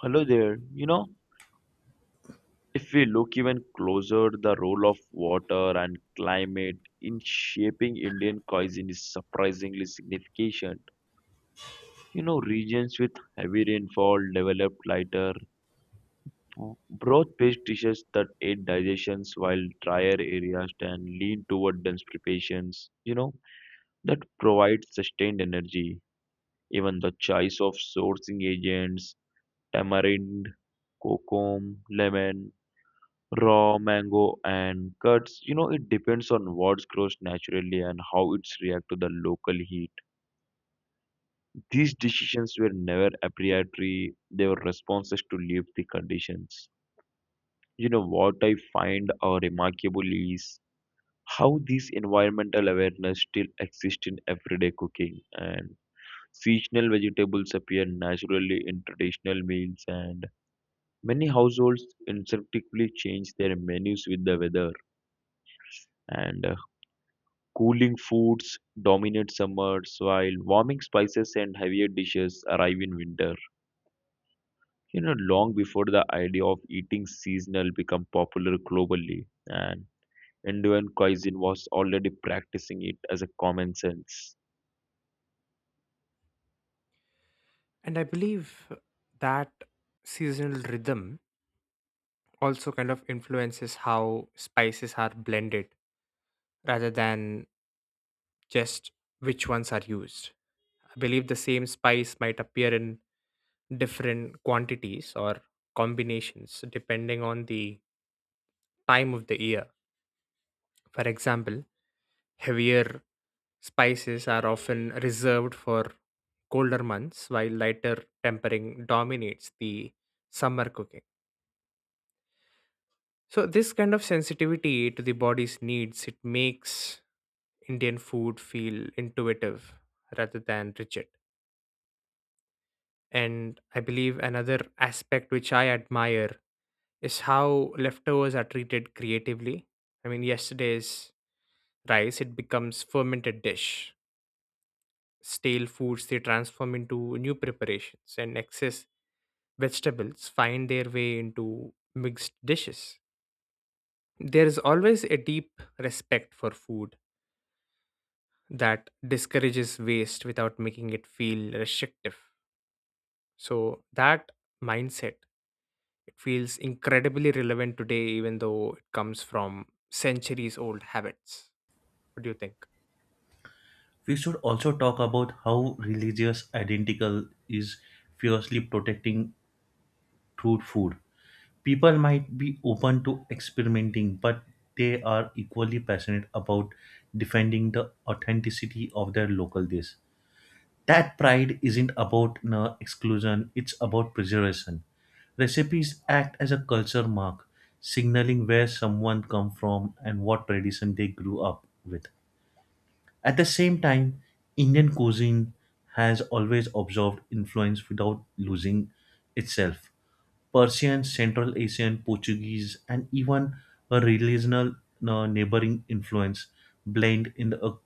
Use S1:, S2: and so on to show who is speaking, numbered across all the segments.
S1: Hello there. If we look even closer, the role of water and climate in shaping Indian cuisine is surprisingly significant. Regions with heavy rainfall develop lighter, broth-based dishes that aid digestions, while drier areas tend lean toward dense preparations. That provide sustained energy. Even the choice of sourcing agents, tamarind, kokum, lemon, raw mango and cuts, it depends on what grows naturally and how it's react to the local heat. These decisions were never arbitrary. They were responses to live the conditions. What I find remarkable is how this environmental awareness still exists in everyday cooking, and seasonal vegetables appear naturally in traditional meals, and many households instinctively change their menus with the weather, and cooling foods dominate summers, while warming spices and heavier dishes arrive in winter. Long before the idea of eating seasonal became popular globally, and Indian cuisine was already practicing it as a common sense.
S2: And I believe that seasonal rhythm also kind of influences how spices are blended rather than just which ones are used. I believe the same spice might appear in different quantities or combinations depending on the time of the year. For example, heavier spices are often reserved for colder months, while lighter tempering dominates the summer cooking. So this kind of sensitivity to the body's needs, it makes Indian food feel intuitive rather than rigid. And I believe another aspect which I admire is how leftovers are treated creatively. I mean, yesterday's rice, it becomes fermented dish. Stale foods, they transform into new preparations, and excess vegetables find their way into mixed dishes. There is always a deep respect for food that discourages waste without making it feel restrictive. So that mindset, it feels incredibly relevant today, even though it comes from centuries old habits. What do you think?
S3: We should also talk about how religious identical is fiercely protecting through food. People might be open to experimenting, but they are equally passionate about defending the authenticity of their local dish. That pride isn't about no, exclusion, it's about preservation. Recipes act as a culture mark, signaling where someone come from and what tradition they grew up with. At the same time, Indian cuisine has always absorbed influence without losing itself. Persian, Central Asian, Portuguese, and even a regional neighboring influence blend in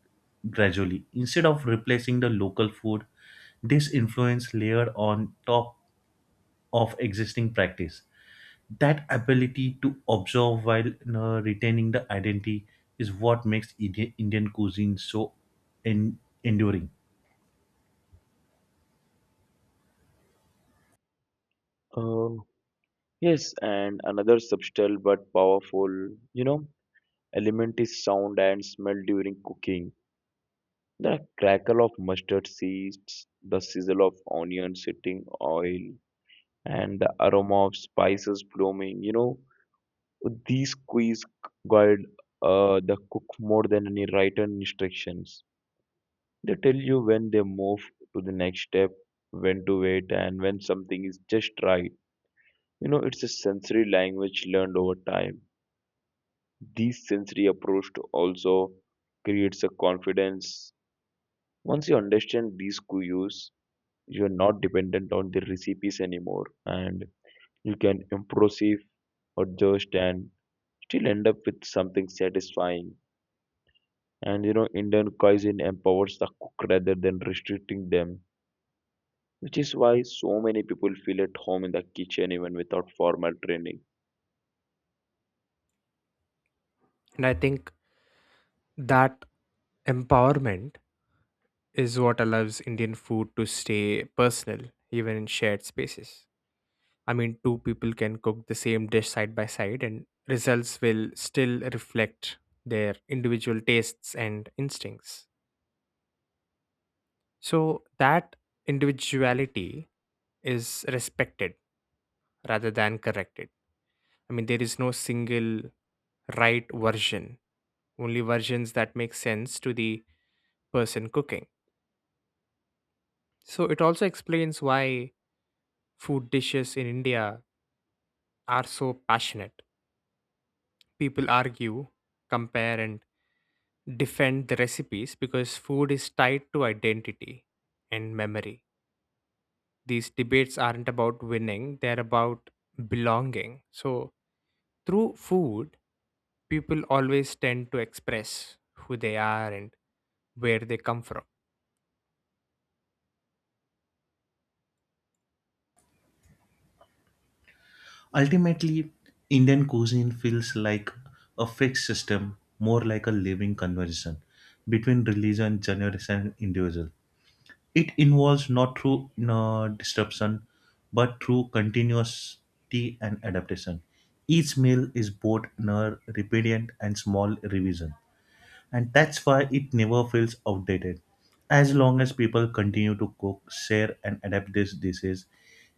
S3: gradually. Instead of replacing the local food, this influence layered on top of existing practice that ability to observe while retaining the identity is what makes Indian cuisine so en- enduring.
S1: Uh, yes, and another subtle but powerful, you know, element is sound and smell during cooking. The crackle of mustard seeds, the sizzle of onion sitting oil, and the aroma of spices blooming. These quiz guide the cook more than any written instructions. They tell you when they move to the next step, when to wait, and when something is just right. It's a sensory language learned over time. This sensory approach to also creates a confidence. Once you understand these cues, you are not dependent on the recipes anymore, and you can improve or just and still end up with something satisfying. Indian cuisine empowers the cook rather than restricting them, which is why so many people feel at home in the kitchen even without formal training.
S2: And I think that empowerment is what allows Indian food to stay personal, even in shared spaces. I mean, two people can cook the same dish side by side, and results will still reflect their individual tastes and instincts. So that individuality is respected rather than corrected. I mean, there is no single right version, only versions that make sense to the person cooking. So it also explains why food dishes in India are so passionate. People argue, compare, and defend the recipes because food is tied to identity and memory. These debates aren't about winning, they're about belonging. So through food, people always tend to express who they are and where they come from.
S3: Ultimately, Indian cuisine feels like a fixed system, more like a living conversation between religion, generation, and individual. It involves not through disruption, but through continuity and adaptation. Each meal is both repentant and small revision, and that's why it never feels outdated. As long as people continue to cook, share, and adapt these dishes,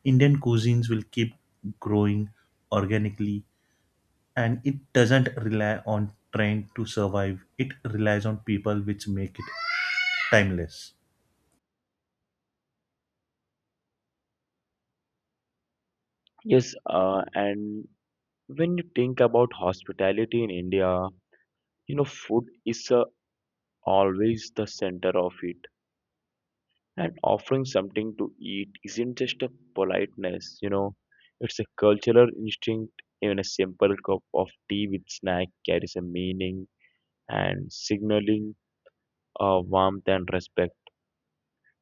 S3: Indian cuisines will keep growing organically, and it doesn't rely on trend to survive. It relies on people which make it timeless.
S1: Yes, and when you think about hospitality in India, food is always the center of it. And offering something to eat isn't just a politeness; it's a cultural instinct. Even a simple cup of tea with snack carries a meaning and signaling warmth and respect.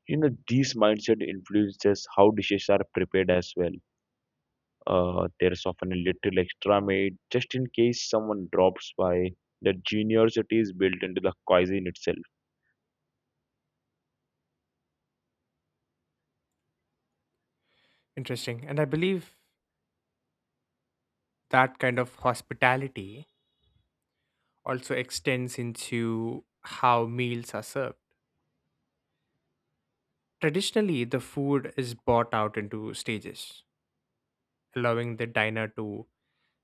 S1: These mindset influences how dishes are prepared as well. There's often a little extra made just in case someone drops by. The generosity is built into the cuisine itself.
S2: Interesting. And I believe that kind of hospitality also extends into how meals are served. Traditionally, the food is brought out into stages, allowing the diner to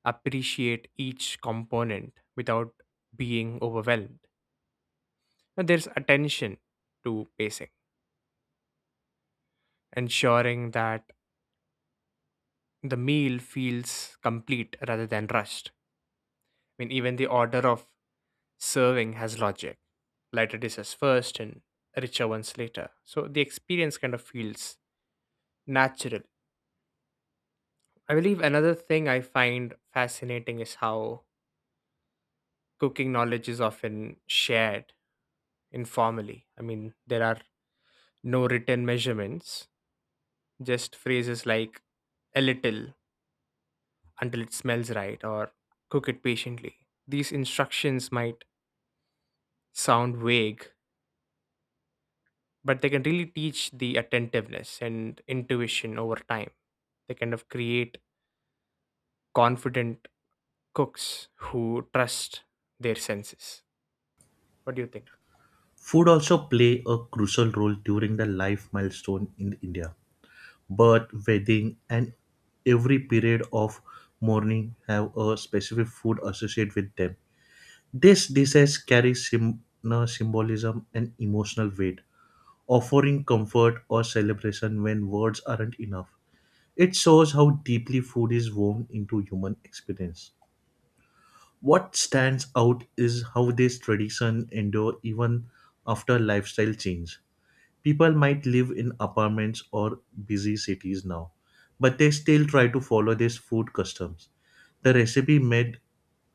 S2: appreciate each component without being overwhelmed. And there's attention to pacing, ensuring that the meal feels complete rather than rushed. I mean, even the order of serving has logic. Lighter dishes first and richer ones later. So the experience kind of feels natural. I believe another thing I find fascinating is how cooking knowledge is often shared informally. I mean, there are no written measurements, just phrases like a little, until it smells right, or cook it patiently. These instructions might sound vague, but they can really teach the attentiveness and intuition over time. They kind of create confident cooks who trust their senses. What do you think?
S3: Food also play a crucial role during the life milestone in India. Birth, wedding and every period of mourning have a specific food associated with them. These dishes carry sym- no, symbolism and emotional weight, offering comfort or celebration when words aren't enough. It shows how deeply food is woven into human experience. What stands out is how this tradition endure even after lifestyle change. People might live in apartments or busy cities now, but they still try to follow these food customs. The recipe made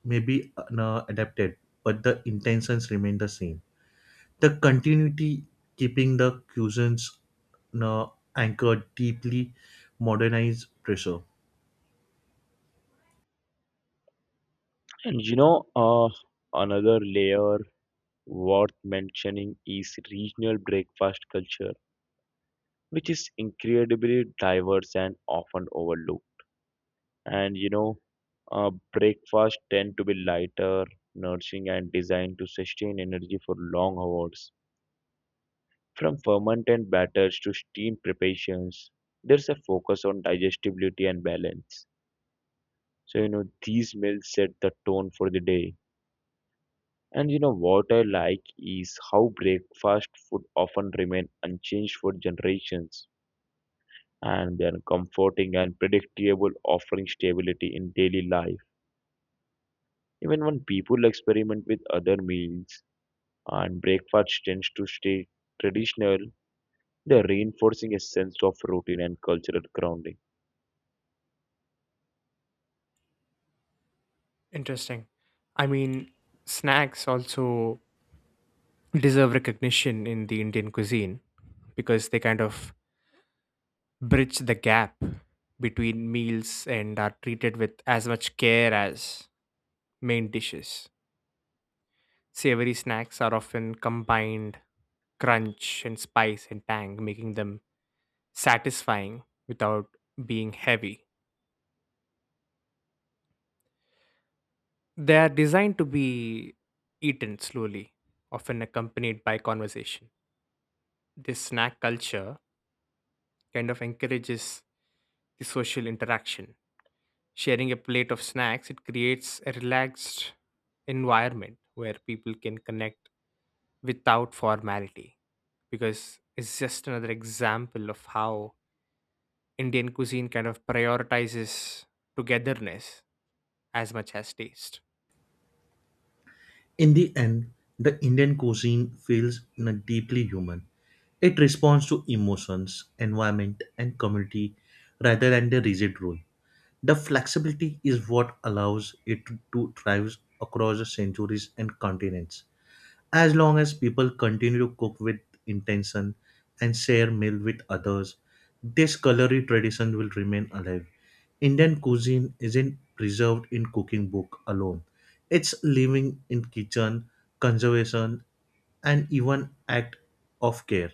S3: may be adapted, but the intentions remain the same. The continuity keeping the cuisines uh, anchored deeply modernized pressure.
S1: And another layer worth mentioning is regional breakfast culture, which is incredibly diverse and often overlooked. And you know, Breakfast tend to be lighter, nourishing, and designed to sustain energy for long hours. From fermented batters to steam preparations, there's a focus on digestibility and balance. So, these meals set the tone for the day. And what I like is how breakfast food often remain unchanged for generations, and they are comforting and predictable offering stability in daily life. Even when people experiment with other meals, and breakfast tends to stay traditional, they're reinforcing a sense of routine and cultural grounding.
S2: Interesting. I mean, snacks also deserve recognition in the Indian cuisine because they kind of bridge the gap between meals and are treated with as much care as main dishes. Savory snacks are often combined crunch and spice and tang, making them satisfying without being heavy. They are designed to be eaten slowly, often accompanied by conversation. This snack culture kind of encourages the social interaction. Sharing a plate of snacks, it creates a relaxed environment where people can connect without formality, because it's just another example of how Indian cuisine kind of prioritizes togetherness as much as taste.
S3: In the end, the Indian cuisine feels deeply human. It responds to emotions, environment, and community rather than the rigid rule. The flexibility is what allows it to thrive across the centuries and continents. As long as people continue to cook with intention and share meal with others, this culinary tradition will remain alive. Indian cuisine isn't preserved in cooking book alone. It's living in kitchen, conservation, and even act of care.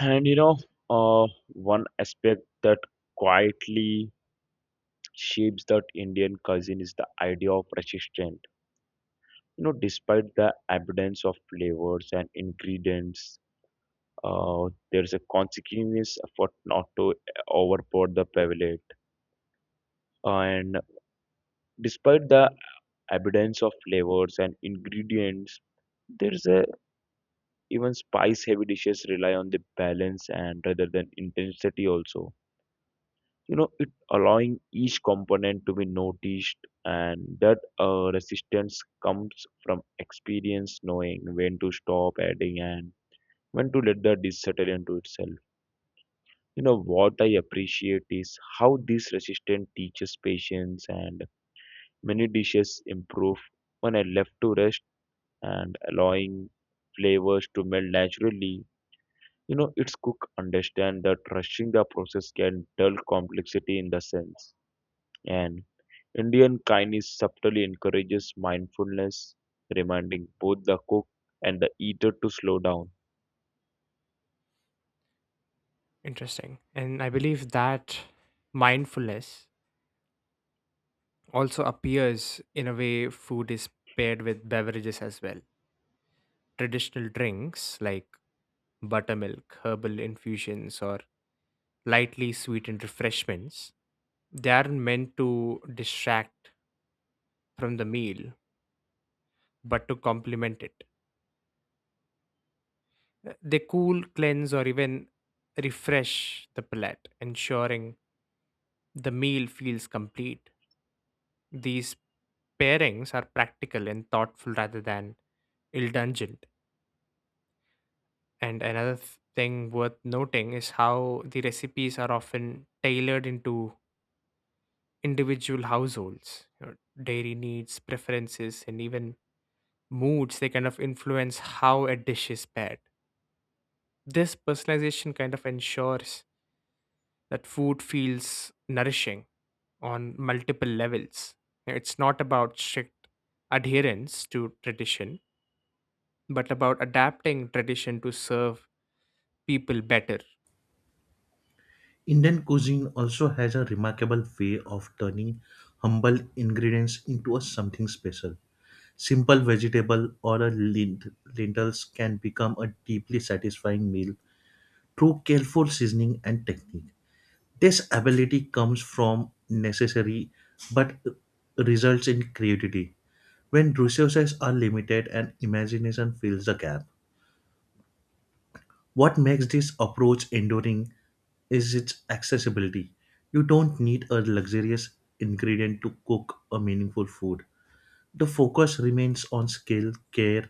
S1: And one aspect that quietly shapes that Indian cuisine is the idea of resistance. Despite the abundance of flavors and ingredients, there's a conscious effort not to overpower the palate. And despite the abundance of flavors and ingredients, there's a even spice heavy dishes rely on the balance and rather than intensity also, it allowing each component to be noticed, and that resistance comes from experience knowing when to stop adding and when to let the dish settle into itself. What I appreciate is how this resistance teaches patience, and many dishes improve when I left to rest and allowing flavors to melt naturally. Its cook understand that rushing the process can dull complexity in the sense. And Indian kindness subtly encourages mindfulness, reminding both the cook and the eater to slow down.
S2: Interesting. And I believe that mindfulness also appears in a way food is paired with beverages as well. Traditional drinks like buttermilk, herbal infusions, or lightly sweetened refreshments. They aren't meant to distract from the meal, but to complement it. They cool, cleanse, or even refresh the palate, ensuring the meal feels complete. These pairings are practical and thoughtful rather than indulgent. And another thing worth noting is how the recipes are often tailored into individual households. You know, dairy needs, preferences, and even moods, they kind of influence how a dish is paired. This personalization kind of ensures that food feels nourishing on multiple levels. You know, it's not about strict adherence to tradition but about adapting tradition to serve people better.
S3: Indian cuisine also has a remarkable way of turning humble ingredients into a something special. Simple vegetable or a lentils can become a deeply satisfying meal through careful seasoning and technique. This ability comes from necessary but results in creativity. When resources are limited and imagination fills the gap, what makes this approach enduring is its accessibility. You don't need a luxurious ingredient to cook a meaningful food. The focus remains on skill, care,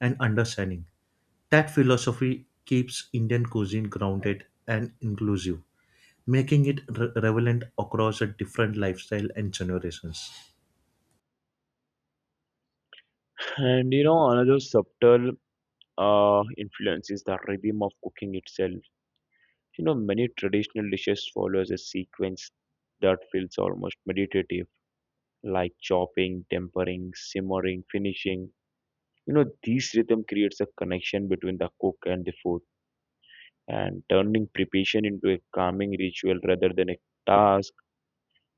S3: and understanding. That philosophy keeps Indian cuisine grounded and inclusive, making it relevant across a different lifestyle and generations.
S1: Another subtle influence is the rhythm of cooking itself. Many traditional dishes follows a sequence that feels almost meditative, like chopping, tempering, simmering, finishing. This rhythm creates a connection between the cook and the food, and turning preparation into a calming ritual rather than a task.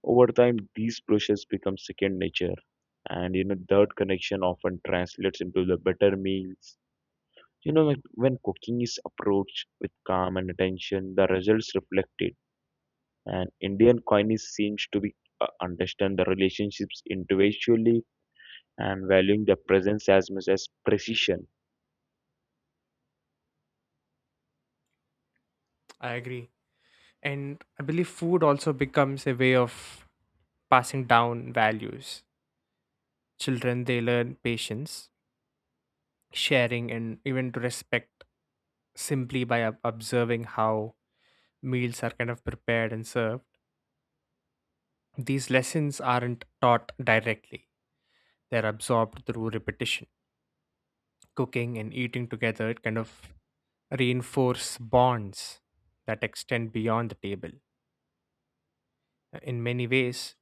S1: Over time, these processes become second nature. That connection often translates into the better meals. Like, when cooking is approached with calm and attention, the results reflected. And Indian cuisine seems to be understand the relationships individually and valuing the presence as much as precision.
S2: I agree. And I believe food also becomes a way of passing down values. Children, they learn patience, sharing, and even to respect simply by observing how meals are kind of prepared and served. These lessons aren't taught directly, they're absorbed through repetition. Cooking and eating together, it kind of reinforce bonds that extend beyond the table. In many ways,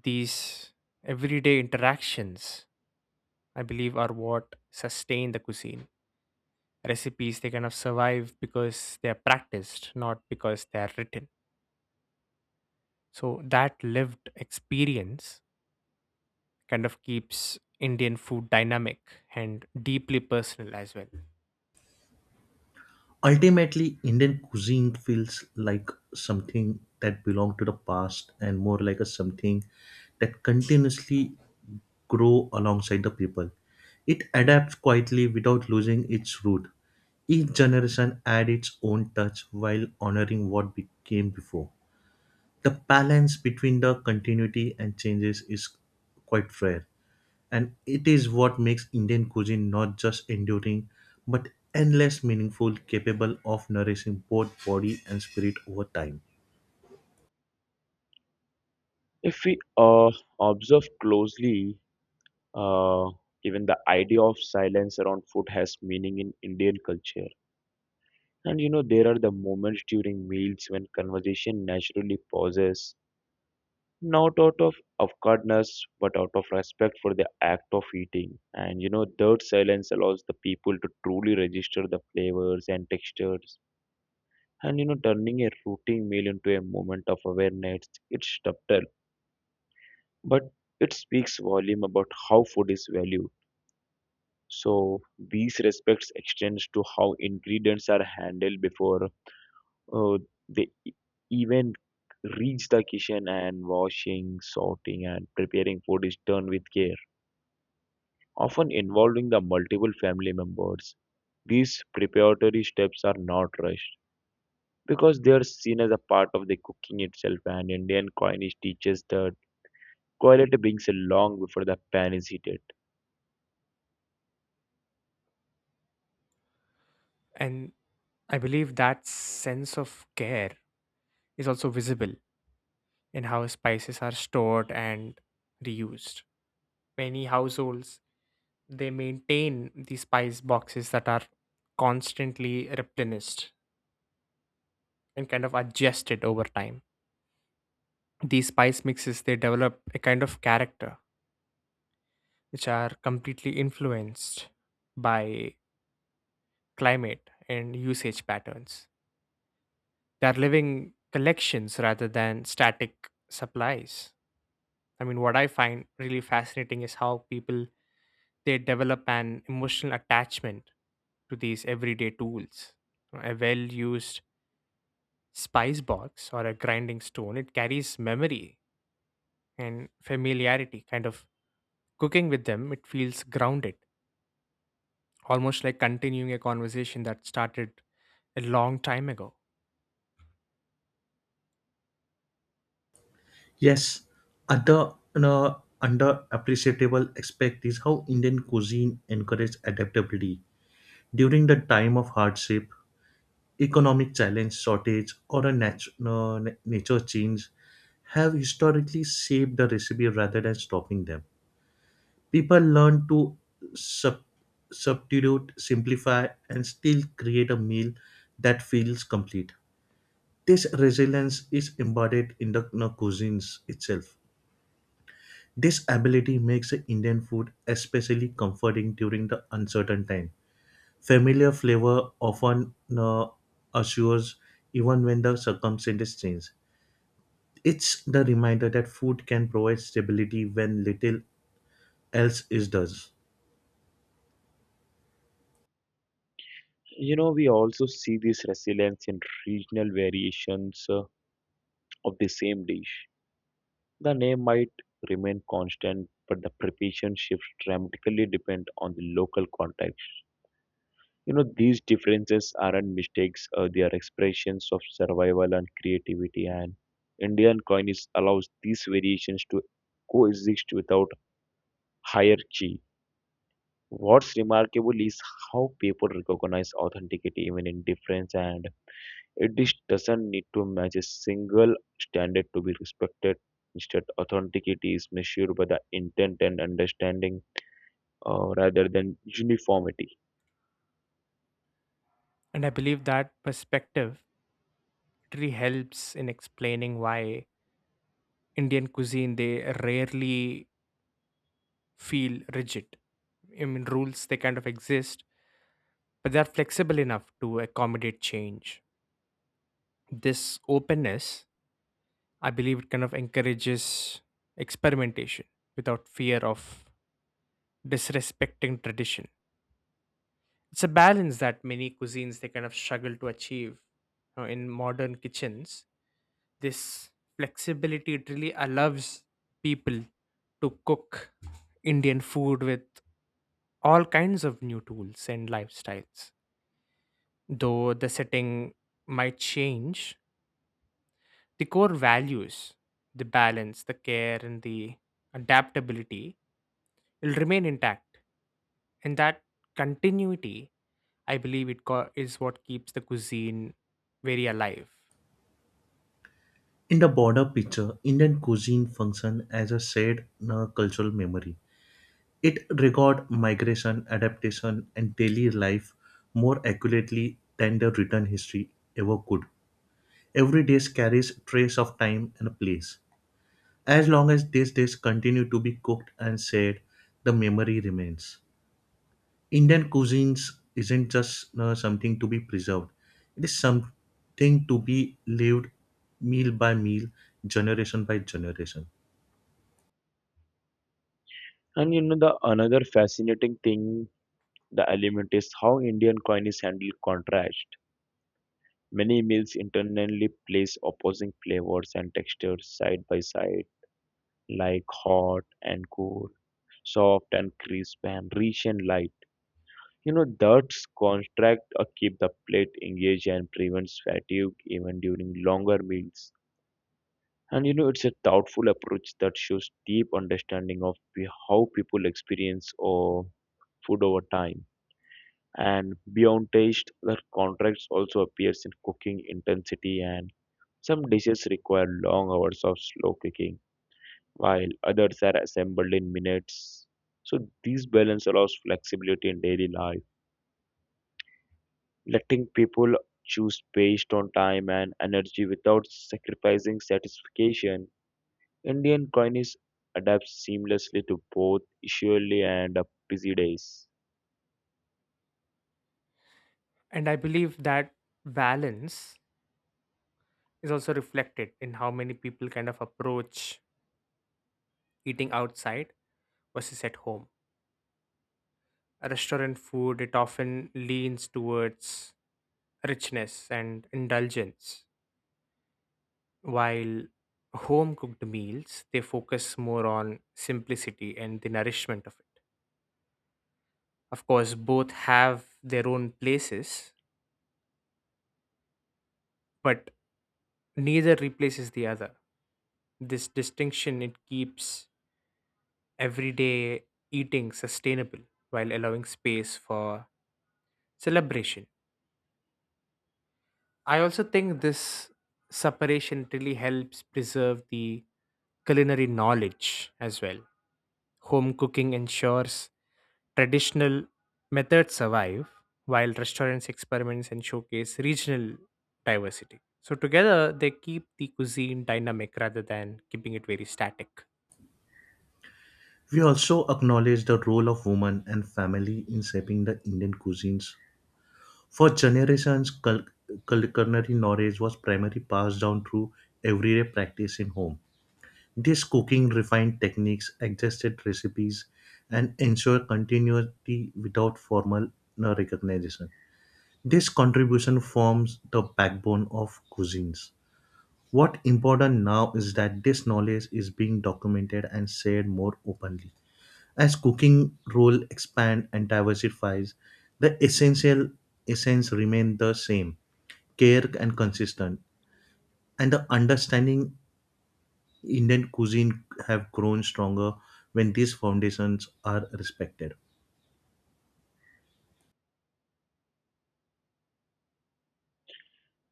S2: these everyday interactions, I believe, are what sustain the cuisine. Recipes, they kind of survive because they're practiced, not because they're written. So that lived experience kind of keeps Indian food dynamic and deeply personal as well.
S3: Ultimately, Indian cuisine feels like something that belongs to the past and more like a something that continuously grow alongside the people. It adapts quietly without losing its root. Each generation adds its own touch while honoring what became before. The balance between the continuity and changes is quite rare, and it is what makes Indian cuisine not just enduring but endless meaningful, capable of nourishing both body and spirit over time.
S1: If we observe closely, uh, even the idea of silence around food has meaning in Indian culture. There are the moments during meals when conversation naturally pauses. Not out of awkwardness, but out of respect for the act of eating. That silence allows the people to truly register the flavors and textures. Turning a routine meal into a moment of awareness, it's subtle, but it speaks volume about how food is valued. So these respects extends to how ingredients are handled before uh, they e- even reach the kitchen, and washing, sorting, and preparing food is done with care, often involving the multiple family members. These preparatory steps are not rushed because they are seen as a part of the cooking itself, and Indian coinage teaches that quality brings along before the pan is heated.
S2: And I believe that sense of care is also visible in how spices are stored and reused. Many households, they maintain the spice boxes that are constantly replenished and kind of adjusted over time. These spice mixes, they develop a kind of character which are completely influenced by climate, and usage patterns. They are living collections rather than static supplies. I mean, what I find really fascinating is how people, they develop an emotional attachment to these everyday tools. A well-used spice box or a grinding stone, it carries memory and familiarity. Kind of cooking with them, it feels grounded, almost like continuing a conversation that started a long time ago.
S3: Yes, other underappreciable aspect is how Indian cuisine encourages adaptability. During the time of hardship, economic challenge, shortage, or a nature change have historically shaped the recipe rather than stopping them. People learn to sub- substitute, simplify, and still create a meal that feels complete. This resilience is embodied in the cuisines itself. This ability makes the Indian food especially comforting during the uncertain time. Familiar flavor often assures even when the circumstances change. It's the reminder that food can provide stability when little else is does.
S1: We also see this resilience in regional variations of the same dish. The name might remain constant, but the preparation shifts dramatically depend on the local context. These differences aren't mistakes, they are expressions of survival and creativity. And Indian coinage allows these variations to coexist without hierarchy. What's remarkable is how people recognize authenticity even in difference, and it just doesn't need to match a single standard to be respected. Instead, authenticity is measured by the intent and understanding rather than uniformity.
S2: And I believe that perspective documentary helps in explaining why Indian cuisine, they rarely feel rigid. I mean, rules, they kind of exist, but they're flexible enough to accommodate change. This openness, I believe, it kind of encourages experimentation without fear of disrespecting tradition. It's a balance that many cuisines, they kind of struggle to achieve. You know, in modern kitchens, this flexibility, it really allows people to cook Indian food with all kinds of new tools and lifestyles. Though the setting might change, the core values, the balance, the care, and the adaptability will remain intact. And that continuity, I believe, is what keeps the cuisine very alive.
S3: In the broader picture, Indian cuisine functions as a shared cultural memory. It records migration, adaptation, and daily life more accurately than the written history ever could. Every dish carries trace of time and place. As long as these dishes continue to be cooked and shared, the memory remains. Indian cuisines isn't just something to be preserved; it is something to be lived meal by meal, generation by generation.
S1: The another fascinating thing The element is how Indian coin handle contrast. Many meals internally place opposing flavors and textures side by side, like hot and cool, soft and crisp, and rich and light. That's contract keep the plate engaged and prevents fatigue even during longer meals. It's a thoughtful approach that shows deep understanding of how people experience or food over time. And beyond taste, the contrast also appears in cooking intensity, and some dishes require long hours of slow cooking while others are assembled in minutes. So this balance allows flexibility in daily life, letting people choose based on time and energy without sacrificing satisfaction. Indian cuisine adapts seamlessly to both usually and busy days.
S2: And I believe that balance is also reflected in how many people kind of approach eating outside versus at home. Restaurant food, it often leans towards richness and indulgence, while home cooked meals, they focus more on simplicity and the nourishment of it. Of course, both have their own places, but neither replaces the other. This distinction, it keeps everyday eating sustainable while allowing space for celebration. I also think this separation really helps preserve the culinary knowledge as well. Home cooking ensures traditional methods survive while restaurants experiments and showcase regional diversity. So together they keep the cuisine dynamic rather than keeping it very static.
S3: We also acknowledge the role of women and family in shaping the Indian cuisines. For generations, culinary knowledge was primarily passed down through everyday practice in home. This cooking refined techniques, adjusted recipes, and ensure continuity without formal recognition. This contribution forms the backbone of cuisines. What important now is that this knowledge is being documented and shared more openly. As cooking role expand and diversifies, the essential essence remain the same, care and consistent. And the understanding Indian cuisine have grown stronger when these foundations are respected.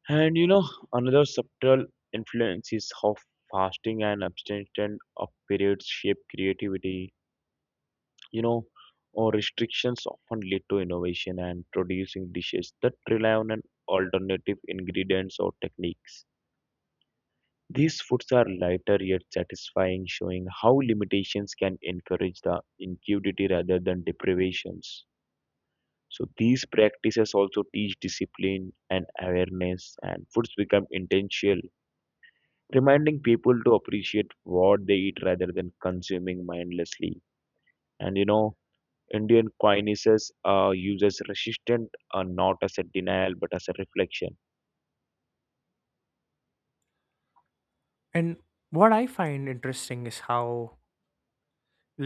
S1: And you know, another subtle influence is how fasting and abstention of periods shape creativity. You know, or restrictions often lead to innovation and producing dishes that rely on an alternative ingredients or techniques. These foods are lighter yet satisfying, showing how limitations can encourage the ingenuity rather than deprivations. So these practices also teach discipline and awareness, and foods become intentional, reminding people to appreciate what they eat rather than consuming mindlessly. And you know, Indian kindnesses uses resistance not as a denial but as a reflection.
S2: And what I find interesting is how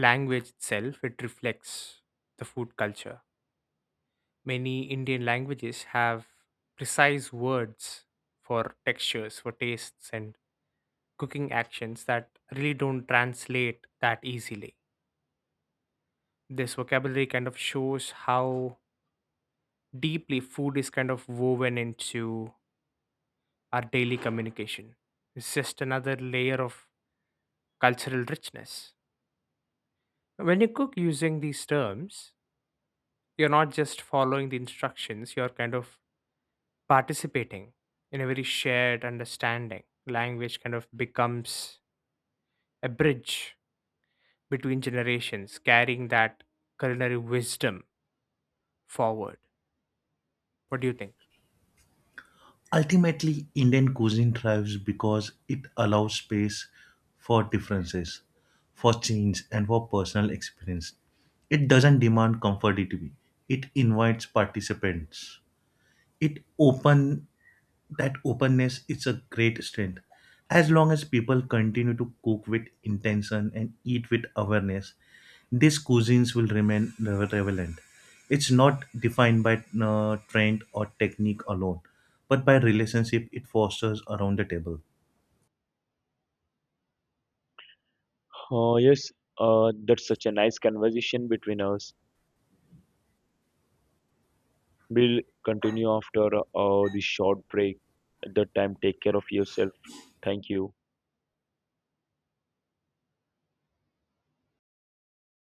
S2: language itself, it reflects the food culture. Many Indian languages have precise words for textures, for tastes, and cooking actions that really don't translate that easily. This vocabulary kind of shows how deeply food is kind of woven into our daily communication. It's just another layer of cultural richness. When you cook using these terms, you're not just following the instructions, you're kind of participating in a very shared understanding. Language kind of becomes a bridge between generations, carrying that culinary wisdom forward. What do you think?
S3: Ultimately, Indian cuisine thrives because it allows space for differences, for change, and for personal experience. It doesn't demand conformity, it invites participants. It open that openness is a great strength. As long as people continue to cook with intention and eat with awareness, these cuisines will remain relevant. It's not defined by trend or technique alone, but by relationship it fosters around the table.
S1: Yes, that's such a nice conversation between us. We'll continue after this short break. At that time, take care of yourself. Thank you.